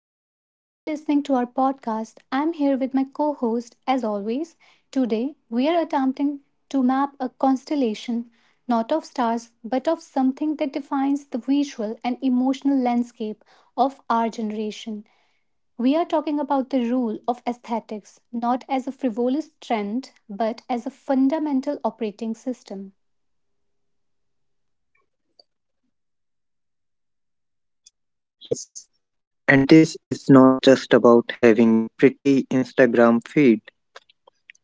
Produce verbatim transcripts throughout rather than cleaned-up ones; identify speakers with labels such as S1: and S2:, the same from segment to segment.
S1: everyone. You're listening to our podcast. I'm here with my co host, as always. Today, we are attempting to map a constellation, not of stars, but of something that defines the visual and emotional landscape of our generation. We are talking about the rule of aesthetics, not as a frivolous trend, but as a fundamental operating system.
S2: Yes, and this is not just about having a pretty Instagram feed.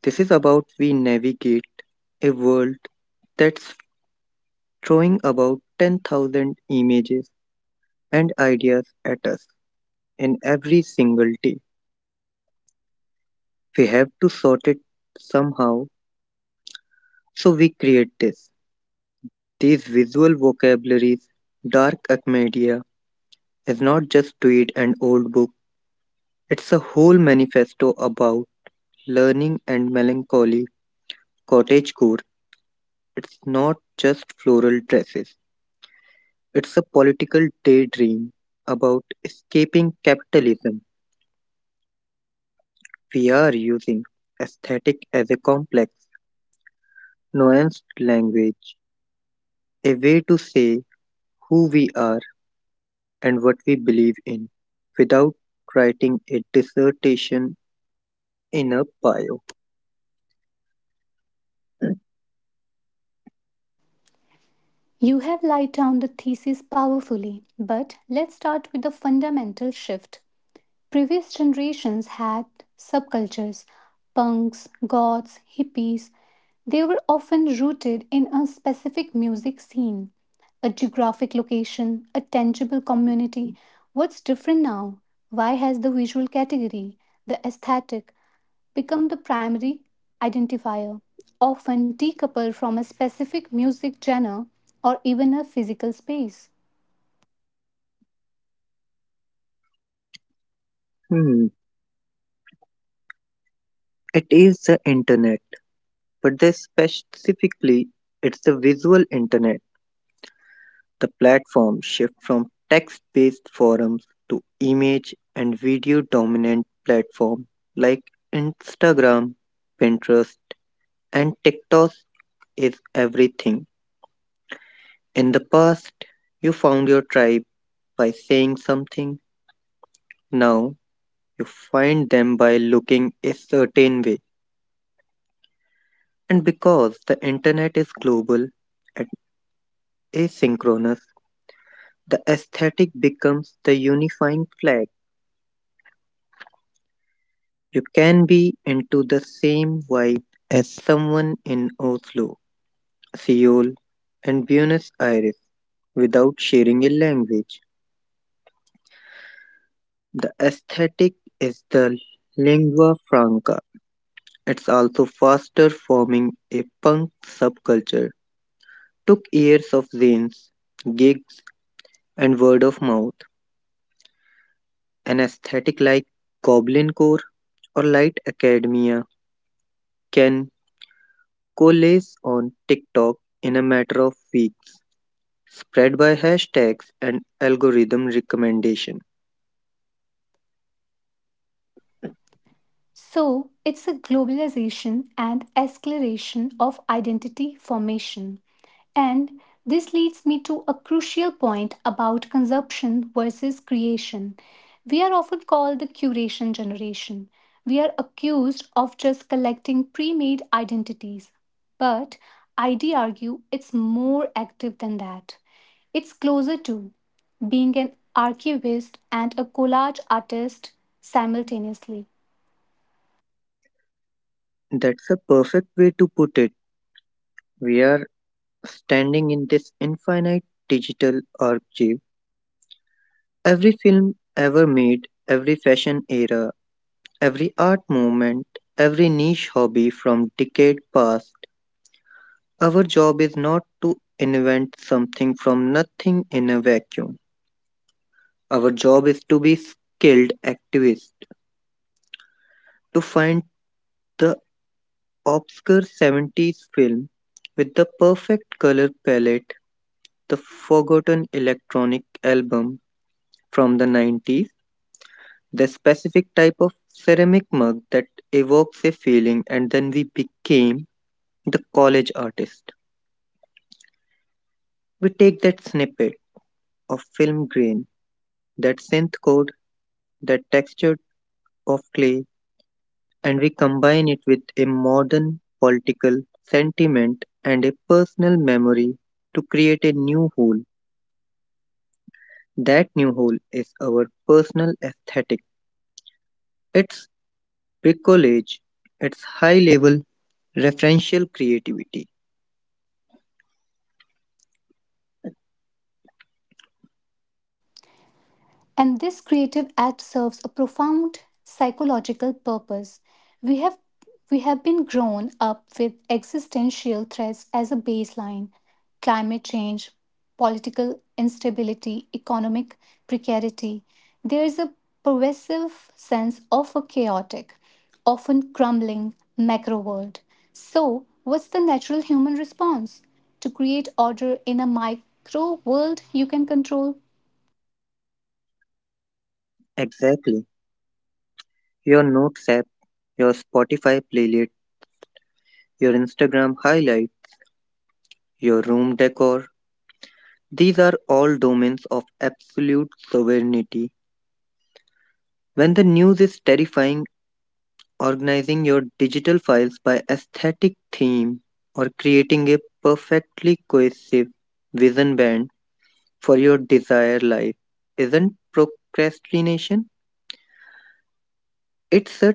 S2: This is about we navigate a world that's throwing about ten thousand images and ideas at us in every single day. We have to sort it somehow, so we create this. These visual vocabularies, dark media, is not just tweet and old book. It's a whole manifesto about learning and melancholy, cottagecore. It's not just floral dresses, it's a political daydream about escaping capitalism. We are using aesthetic as a complex, nuanced language, a way to say who we are and what we believe in without writing a dissertation in a bio.
S1: You have laid down the thesis powerfully, but let's start with the fundamental shift. Previous generations had subcultures punks, goths, hippies. They were often rooted in a specific music scene, a geographic location, a tangible community. What's different now? Why has the visual category, the aesthetic, become the primary identifier, often decoupled from a specific music genre or even a physical space?
S2: Hmm, It is the internet, but the specifically, it's the visual internet. The platform shift from text-based forums to image and video-dominant platforms like Instagram, Pinterest, and TikTok is everything. In the past, you found your tribe by saying something. Now, you find them by looking a certain way. And because the internet is global and asynchronous, the aesthetic becomes the unifying flag. You can be into the same vibe as someone in Oslo, Seoul, and Buenos Aires without sharing a language. The aesthetic is the lingua franca. It's also faster forming a punk subculture. Took years of zines, gigs, and word of mouth. An aesthetic like Goblin Core or Light Academia can coalesce on TikTok in a matter of weeks, spread by hashtags and algorithm recommendation.
S1: So, it's a globalization and escalation of identity formation. And this leads me to a crucial point about consumption versus creation. We are often called the curation generation. We are accused of just collecting pre made identities. But ID argue it's more active than that. It's closer to being an archivist and a collage artist simultaneously.
S2: That's a perfect way to put it. We are standing in this infinite digital archive. Every film ever made, every fashion era, every art movement, every niche hobby from decade past. Our job is not to invent something from nothing in a vacuum. Our job is to be skilled activists, to find the obscure seventies film with the perfect color palette, the forgotten electronic album from the nineties, the specific type of ceramic mug that evokes a feeling, and then we became the college artist. We take that snippet of film grain, that synth code, that texture of clay, and we combine it with a modern political sentiment and a personal memory to create a new whole. That new hole is our personal aesthetic. It's bricolage. It's high level referential creativity.
S1: And this creative act serves a profound psychological purpose. We have we have been grown up with existential threats as a baseline climate change, political instability, economic precarity. There is a pervasive sense of a chaotic, often crumbling macro world. So, what's the natural human response? To create order in a micro world you can control.
S2: Exactly. Your notes app, your Spotify playlist, your Instagram highlight, your room decor. These are all domains of absolute sovereignty. When the news is terrifying, organizing your digital files by aesthetic theme or creating a perfectly cohesive vision band for your desired life isn't procrastination. It's a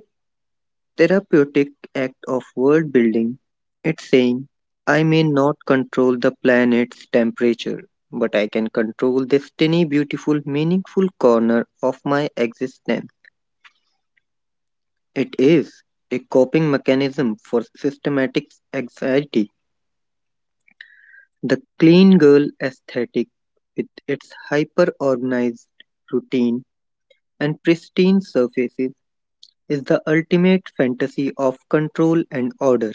S2: therapeutic act of world building. It's saying, I may not control the planet's temperature, but I can control this tiny, beautiful, meaningful corner of my existence. It is a coping mechanism for systematic anxiety. The clean girl aesthetic, with its hyper organized routine and pristine surfaces, is the ultimate fantasy of control and order.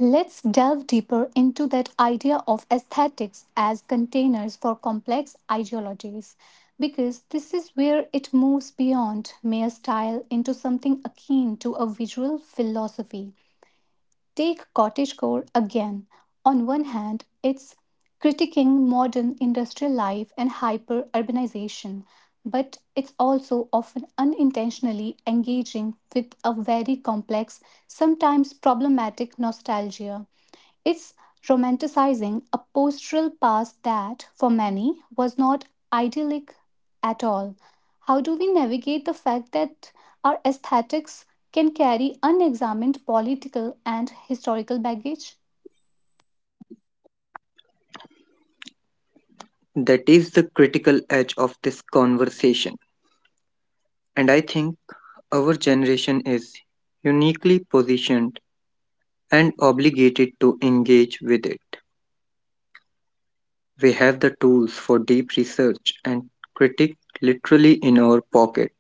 S1: Let's delve deeper into that idea of aesthetics as containers for complex ideologies, because this is where it moves beyond mere style into something akin to a visual philosophy. Take cottagecore again. On one hand, it's critiquing modern industrial life and hyper urbanization, but it's also often unintentionally engaging with a very complex, sometimes problematic nostalgia. It's romanticizing a postural past that, for many, was not idyllic at all. How do we navigate the fact that our aesthetics can carry unexamined political and historical baggage?
S2: That is the critical edge of this conversation. And I think our generation is uniquely positioned and obligated to engage with it. We have the tools for deep research and critique literally in our pocket.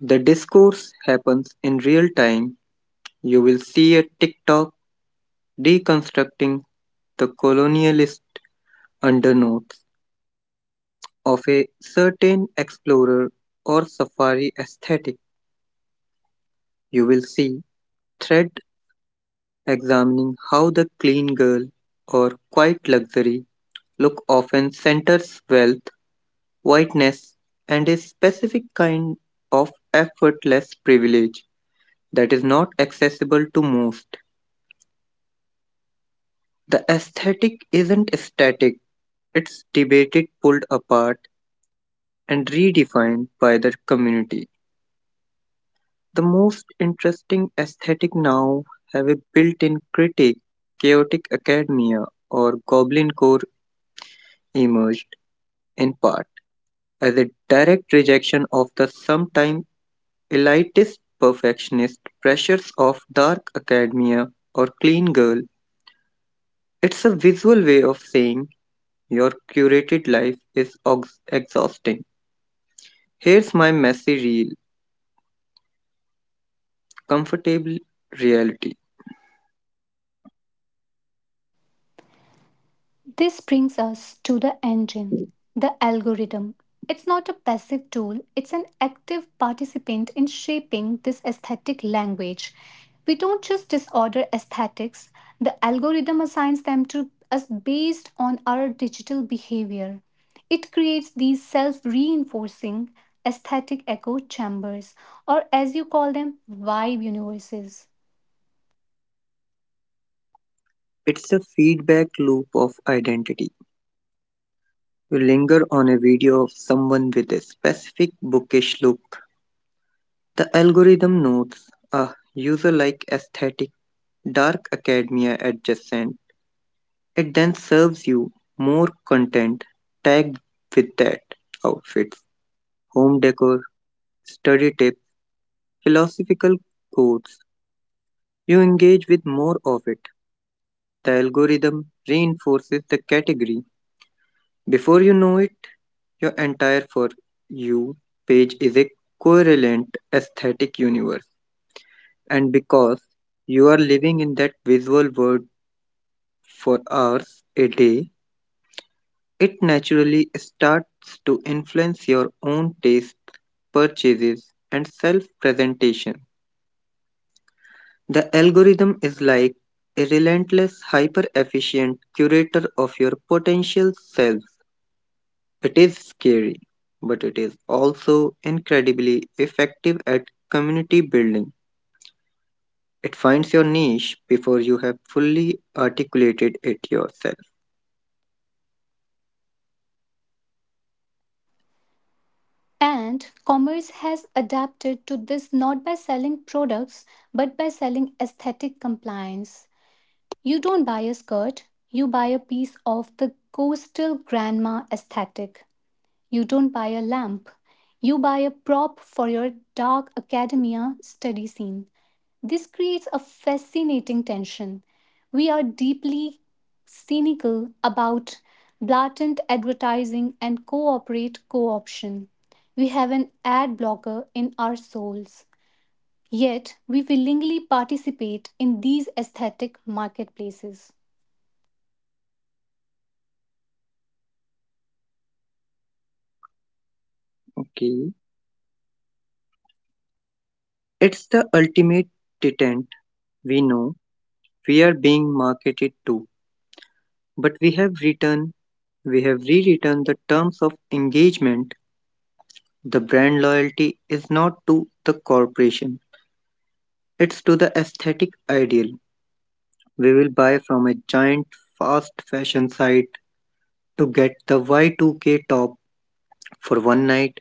S2: The discourse happens in real time. You will see a TikTok deconstructing the colonialist undernotes of a certain explorer or safari aesthetic, you will see thread examining how the clean girl or quiet luxury look often centers wealth, whiteness, and a specific kind of effortless privilege that is not accessible to most. The aesthetic isn't static, it's debated, pulled apart, and redefined by the community. The most interesting aesthetic now have a built-in critique. Chaotic academia or goblincore emerged in part as a direct rejection of the sometimes elitist perfectionist pressures of dark academia or clean girl. It's a visual way of saying your curated life is ox- exhausting. Here's my messy real comfortable reality.
S1: This brings us to the engine, the algorithm. It's not a passive tool, it's an active participant in shaping this aesthetic language. We don't just disorder aesthetics, the algorithm assigns them to us based on our digital behavior. It creates these self reinforcing aesthetic echo chambers, or as you call them, vibe universes.
S2: It's a feedback loop of identity. You linger on a video of someone with a specific bookish look. The algorithm notes a user like aesthetic, dark academia adjacent. It then serves you more content tagged with that outfit, home decor, study tips, philosophical quotes, you engage with more of it. The algorithm reinforces the category. Before you know it, your entire For You page is a coherent aesthetic universe. And because you are living in that visual world for hours a day, it naturally starts to influence your own tastes, purchases, and self presentation. The algorithm is like a relentless, hyper efficient curator of your potential self. It is scary, but it is also incredibly effective at community building. It finds your niche before you have fully articulated it yourself.
S1: And commerce has adapted to this not by selling products, but by selling aesthetic compliance. You don't buy a skirt, you buy a piece of the coastal grandma aesthetic. You don't buy a lamp, you buy a prop for your dark academia study scene. This creates a fascinating tension. We are deeply cynical about blatant advertising and cooperate co option. We have an ad blocker in our souls. Yet, we willingly participate in these aesthetic marketplaces.
S2: Okay. It's the ultimate deterrent. We know we are being marketed to, but we have written, we have rewritten the terms of engagement. The brand loyalty is not to the corporation, it's to the aesthetic ideal. We will buy from a giant fast fashion site to get the Y two K top for one night,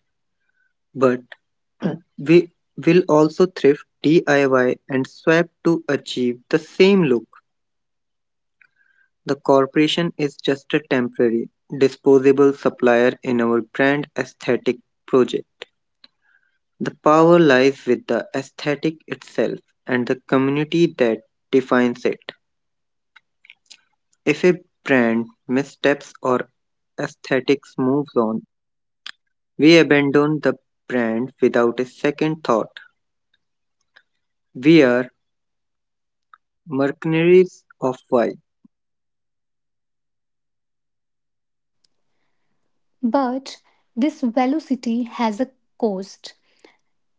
S2: but we will also thrift, D I Y, and swap to achieve the same look. The corporation is just a temporary, disposable supplier in our grand aesthetic project. The power lies with the aesthetic itself and the community that defines it. If a brand missteps or aesthetics moves on, we abandon the brand without a second thought. We are mercenaries of why.
S1: But this velocity has a cost.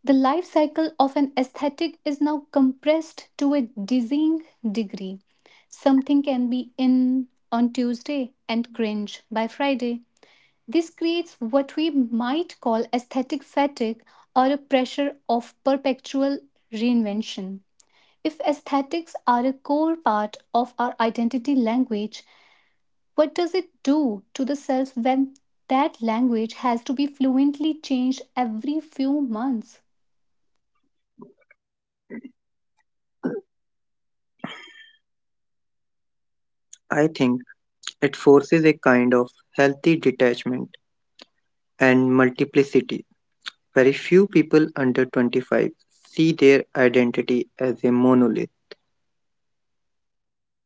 S1: The life cycle of an aesthetic is now compressed to a dizzying degree. Something can be in on Tuesday and cringe by Friday. This creates what we might call aesthetic fatigue or a pressure of perpetual reinvention. If aesthetics are a core part of our identity language, what does it do to the self when that language has to be fluently changed every few months?
S2: I think it forces a kind of healthy detachment and multiplicity. Very few people under twenty-five see their identity as a monolith.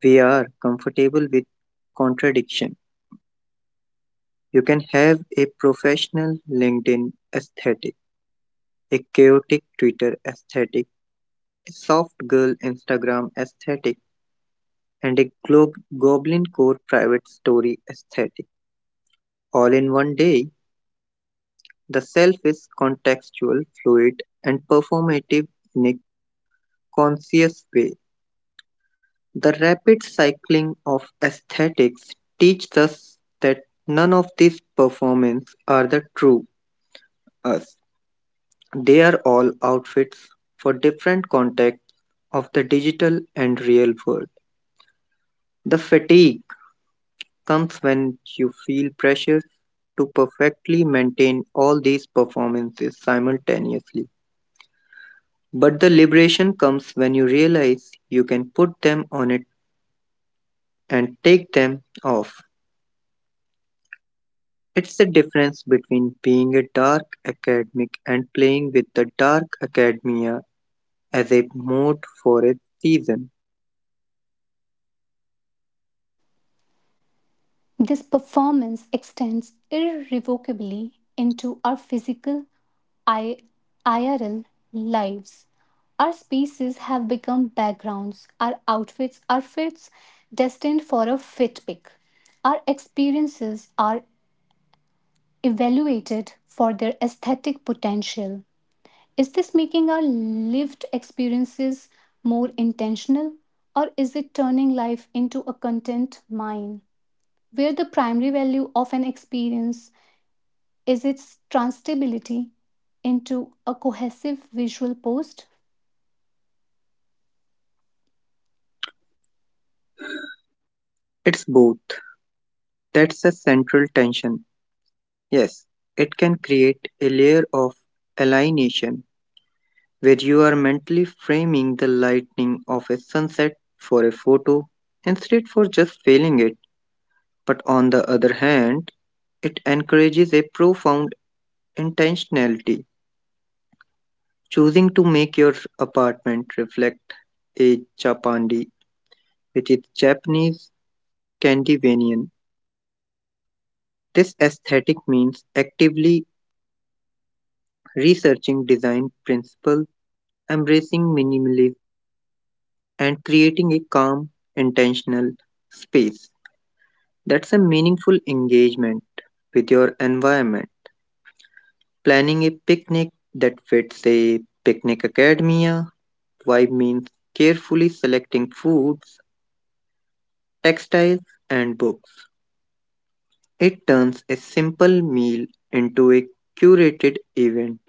S2: We are comfortable with contradiction. You can have a professional LinkedIn aesthetic, a chaotic Twitter aesthetic, a soft girl Instagram aesthetic, and a glo- goblin core private story aesthetic. All in one day, the self is contextual, fluid, and performative in a conscious way. The rapid cycling of aesthetics teaches us that none of these performances are the true us. They are all outfits for different contexts of the digital and real world. The fatigue comes when you feel pressure to perfectly maintain all these performances simultaneously. But the liberation comes when you realize you can put them on it and take them off. It's the difference between being a dark academic and playing with the dark academia as a mode for a season.
S1: This performance extends irrevocably into our physical I- IRL lives. Our spaces have become backgrounds, our outfits are fits destined for a fit pick. Our experiences are evaluated for their aesthetic potential. Is this making our lived experiences more intentional or is it turning life into a content mine, where the primary value of an experience is its translatability into a cohesive visual post?
S2: It's both. That's the central tension. Yes, it can create a layer of alienation where you are mentally framing the lightning of a sunset for a photo instead for just feeling it. But on the other hand, it encourages a profound intentionality, choosing to make your apartment reflect a chapandi, which is Japanese Scandinavian. This aesthetic means actively researching design principles, embracing minimalism, and creating a calm, intentional space. That's a meaningful engagement with your environment. Planning a picnic that fits a picnic academia vibe means carefully selecting foods, textiles, and books. It turns a simple meal into a curated event.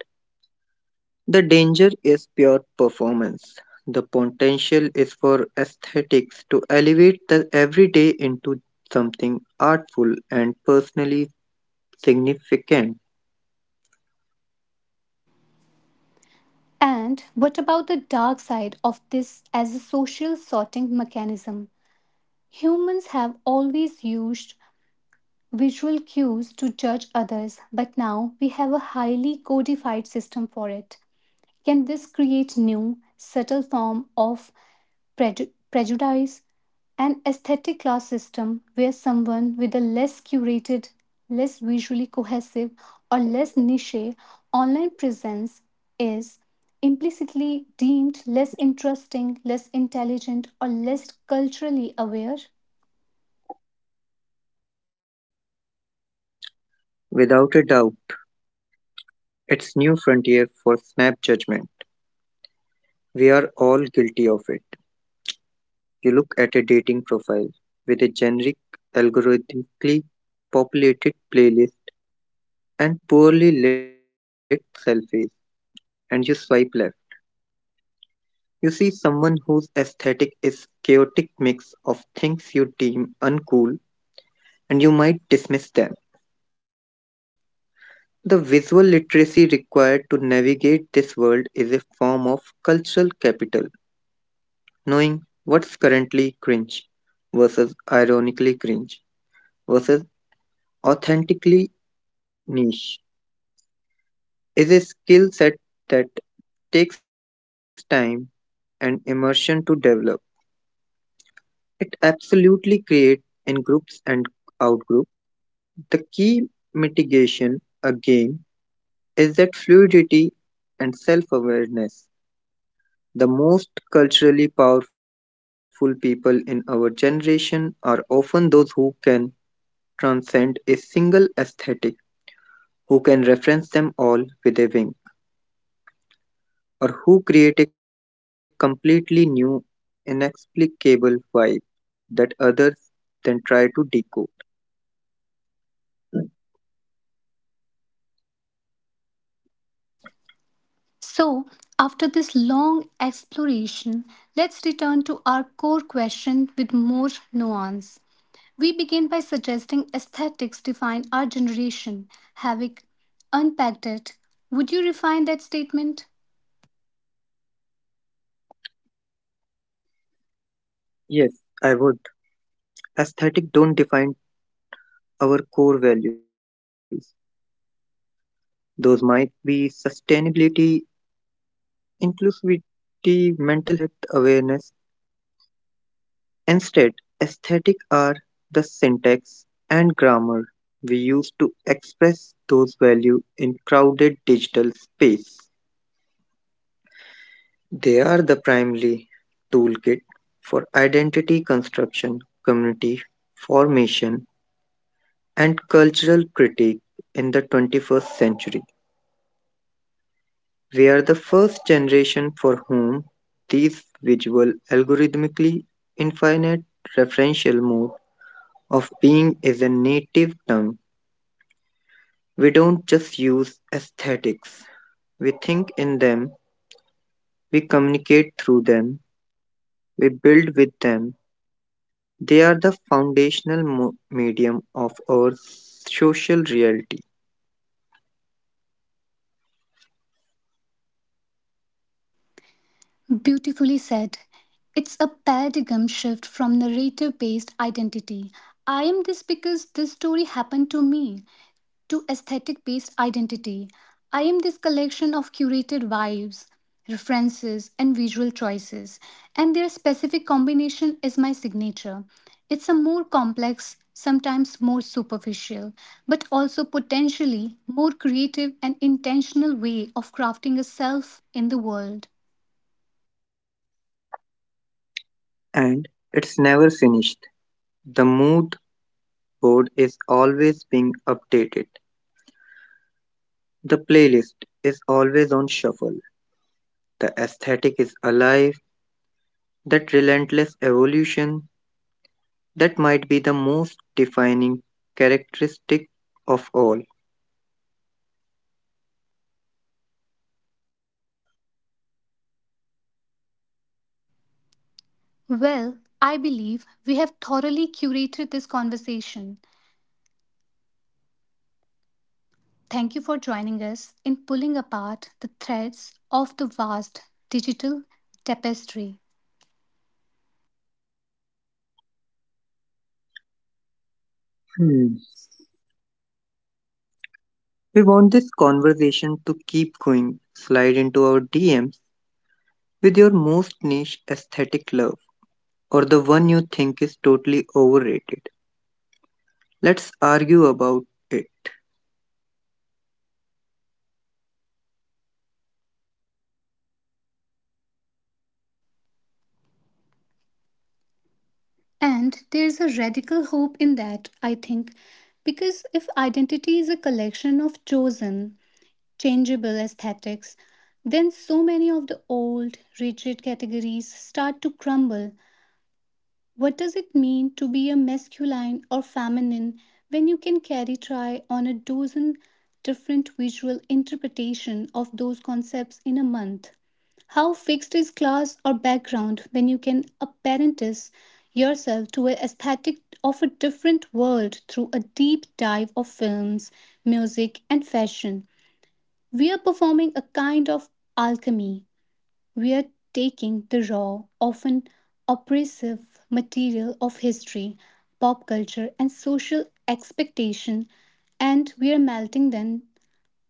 S2: The danger is pure performance. The potential is for aesthetics to elevate the everyday into something artful and personally significant.
S1: And what about the dark side of this as a social sorting mechanism? Humans have always used visual cues to judge others, but now we have a highly codified system for it. Can this create new, subtle form of preju- prejudice? An aesthetic class system where someone with a less curated, less visually cohesive, or less niche online presence is implicitly deemed less interesting, less intelligent, or less culturally aware.
S2: Without a doubt, it's new frontier for snap judgment. We are all guilty of it. You look at a dating profile with a generic, algorithmically populated playlist and poorly lit selfies, and you swipe left. You see someone whose aesthetic is chaotic mix of things you deem uncool and you might dismiss them. The visual literacy required to navigate this world is a form of cultural capital, knowing what's currently cringe versus ironically cringe versus authentically niche is a skill set that takes time and immersion to develop. It absolutely creates in groups and outgroups. The key mitigation, again, is that fluidity and self awareness. The most culturally powerful people in our generation are often those who can transcend a single aesthetic, who can reference them all with a wink, or who create a completely new, inexplicable vibe that others then try to decode.
S1: So, after this long exploration, let's return to our core question with more nuance. We begin by suggesting aesthetics define our generation. Having unpacked it, would you refine that statement?
S2: Yes, I would. Aesthetic don't define our core values. Those might be sustainability, inclusivity, mental health awareness. Instead, aesthetic are the syntax and grammar we use to express those values in crowded digital space. They are the primary toolkit for identity construction, community formation, and cultural critique in the twenty-first century. We are the first generation for whom these visual, algorithmically infinite referential mode of being is a native tongue. We don't just use aesthetics, we think in them, we communicate through them, we build with them. They are the foundational mo- medium of our social reality,
S1: Beautifully said. It's a paradigm shift from narrative based identity. I am this because this story happened to me to aesthetic based identity. I am this collection of curated vibes, references, and visual choices, and their specific combination is my signature. It's a more complex, sometimes more superficial, but also potentially more creative and intentional way of crafting a self in the world.
S2: and it's never finished. The mood board is always being updated, the playlist is always on shuffle. The aesthetic is alive, that relentless evolution that might be the most defining characteristic of all.
S1: Well, I believe we have thoroughly curated this conversation. Thank you for joining us in pulling apart the threads of the vast digital tapestry.
S2: Hmm. We want this conversation to keep going. Slide into our D Ms with your most niche aesthetic love or the one you think is totally overrated. Let's argue about it.
S1: And there's a radical hope in that, I think, because if identity is a collection of chosen, changeable aesthetics, then so many of the old, rigid categories start to crumble. What does it mean to be a masculine or feminine when you can carry try on a dozen different visual interpretation of those concepts in a month? How fixed is class or background when you can apparentice yourself to an aesthetic of a different world through a deep dive of films, music, and fashion? We are performing a kind of alchemy. We're taking the raw, often oppressive material of history, pop culture, and social expectation, and we're melting them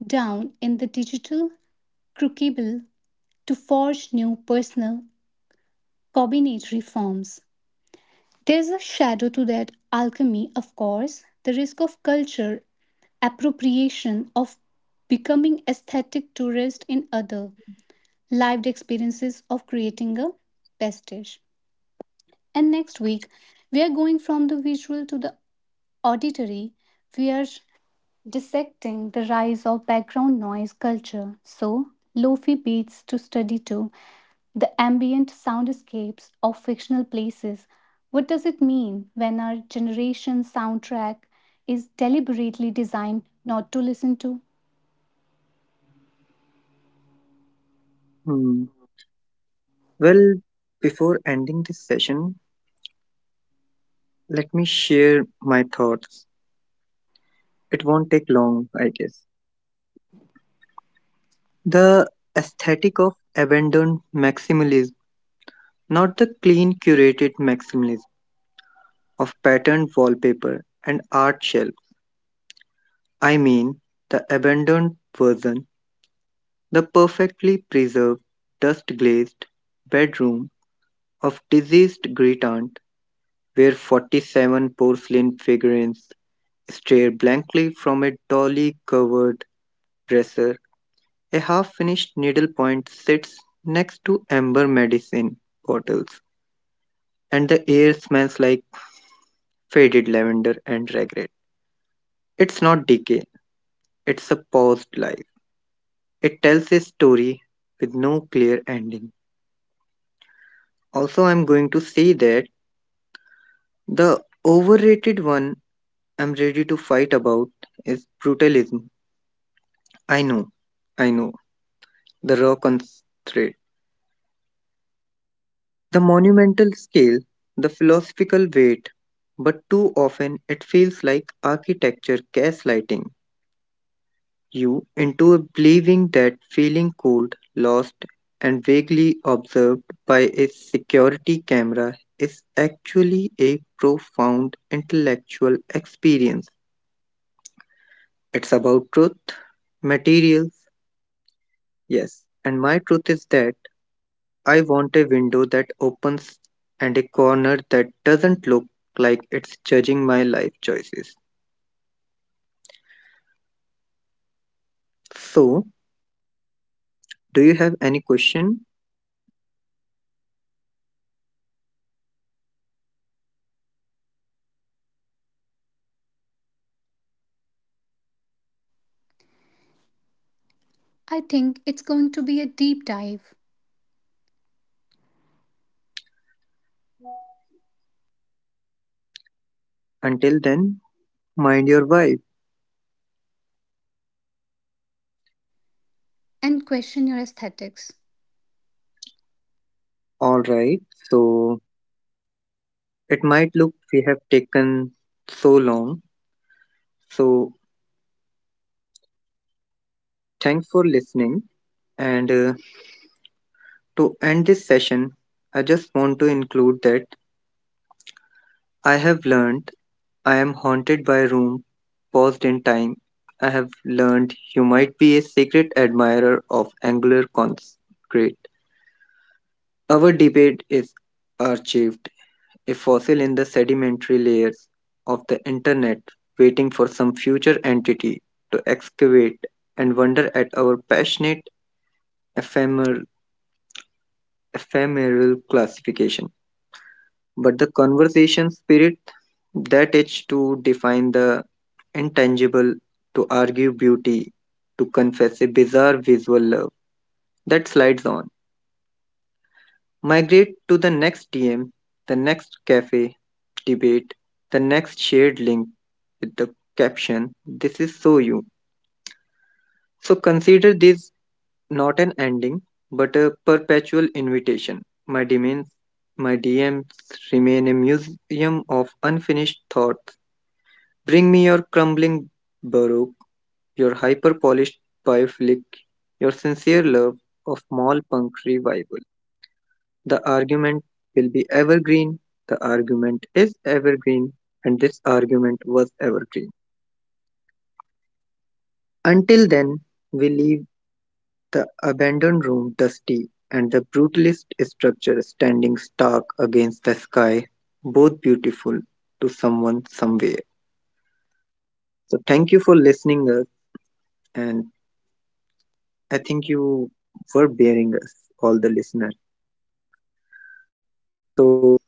S1: down in the digital crucible to forge new personal combinatory forms. There's a shadow to that alchemy, of course, the risk of culture appropriation, of becoming aesthetic tourist in other lived experiences, of creating a pastiche. And next week, we are going from the visual to the auditory. We are dissecting the rise of background noise culture. So, lo-fi beats to study too, the ambient soundscapes of fictional places. What does it mean when our generation soundtrack is deliberately designed not to listen to?
S2: Hmm. Well, before ending this session, let me share my thoughts. It won't take long, I guess. The aesthetic of abandoned maximalism, not the clean curated maximalism of patterned wallpaper and art shelf. I mean the abandoned version, the perfectly preserved, dust glazed bedroom of diseased great aunt where forty-seven porcelain figurines stare blankly from a dolly covered dresser. A half finished needlepoint sits next to amber medicine bottles and the air smells like faded lavender and regret. It's not decay, it's a paused life. It tells a story with no clear ending. Also, I'm going to say that the overrated one I'm ready to fight about is brutalism. I know, I know, the raw constraint, the monumental scale, the philosophical weight, but too often it feels like architecture gaslighting you into believing that feeling cold, lost, and vaguely observed by a security camera is actually a profound intellectual experience. It's about truth, materials, yes. And my truth is that I want a window that opens and a corner that doesn't look like it's judging my life choices. So, do you have any question?
S1: I think it's going to be a deep dive
S2: Until then, mind your vibe.
S1: and question your aesthetics.
S2: All right. So, it might look we have taken so long. So, thanks for listening. And uh, to end this session, I just want to include that I have learned I am haunted by a room paused in time. I have learned you might be a secret admirer of angular concrete. Our debate is archived, a fossil in the sedimentary layers of the internet, waiting for some future entity to excavate and wonder at our passionate, ephemeral, ephemeral classification. But the conversation spirit, that itch to define the intangible, to argue beauty, to confess a bizarre visual love that slides on migrate to the next D M, the next cafe debate, the next shared link with the caption, this is so you. So consider this not an ending, but a perpetual invitation. My D Ms, my D Ms remain a museum of unfinished thoughts. Bring me your crumbling baroque, your hyper polished biophilic, your sincere love of mall punk revival. The argument will be evergreen. The argument is evergreen. And this argument was evergreen. Until then, we leave the abandoned room dusty and the brutalist structure standing stark against the sky, both beautiful to someone somewhere. So thank you for listening us and I think you were bearing us, all the listeners. So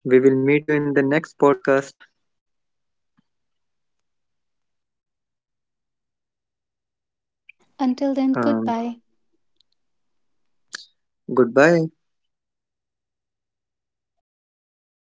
S2: we will meet you in the next podcast.
S1: Until then,
S2: Um,
S1: goodbye.
S2: goodbye.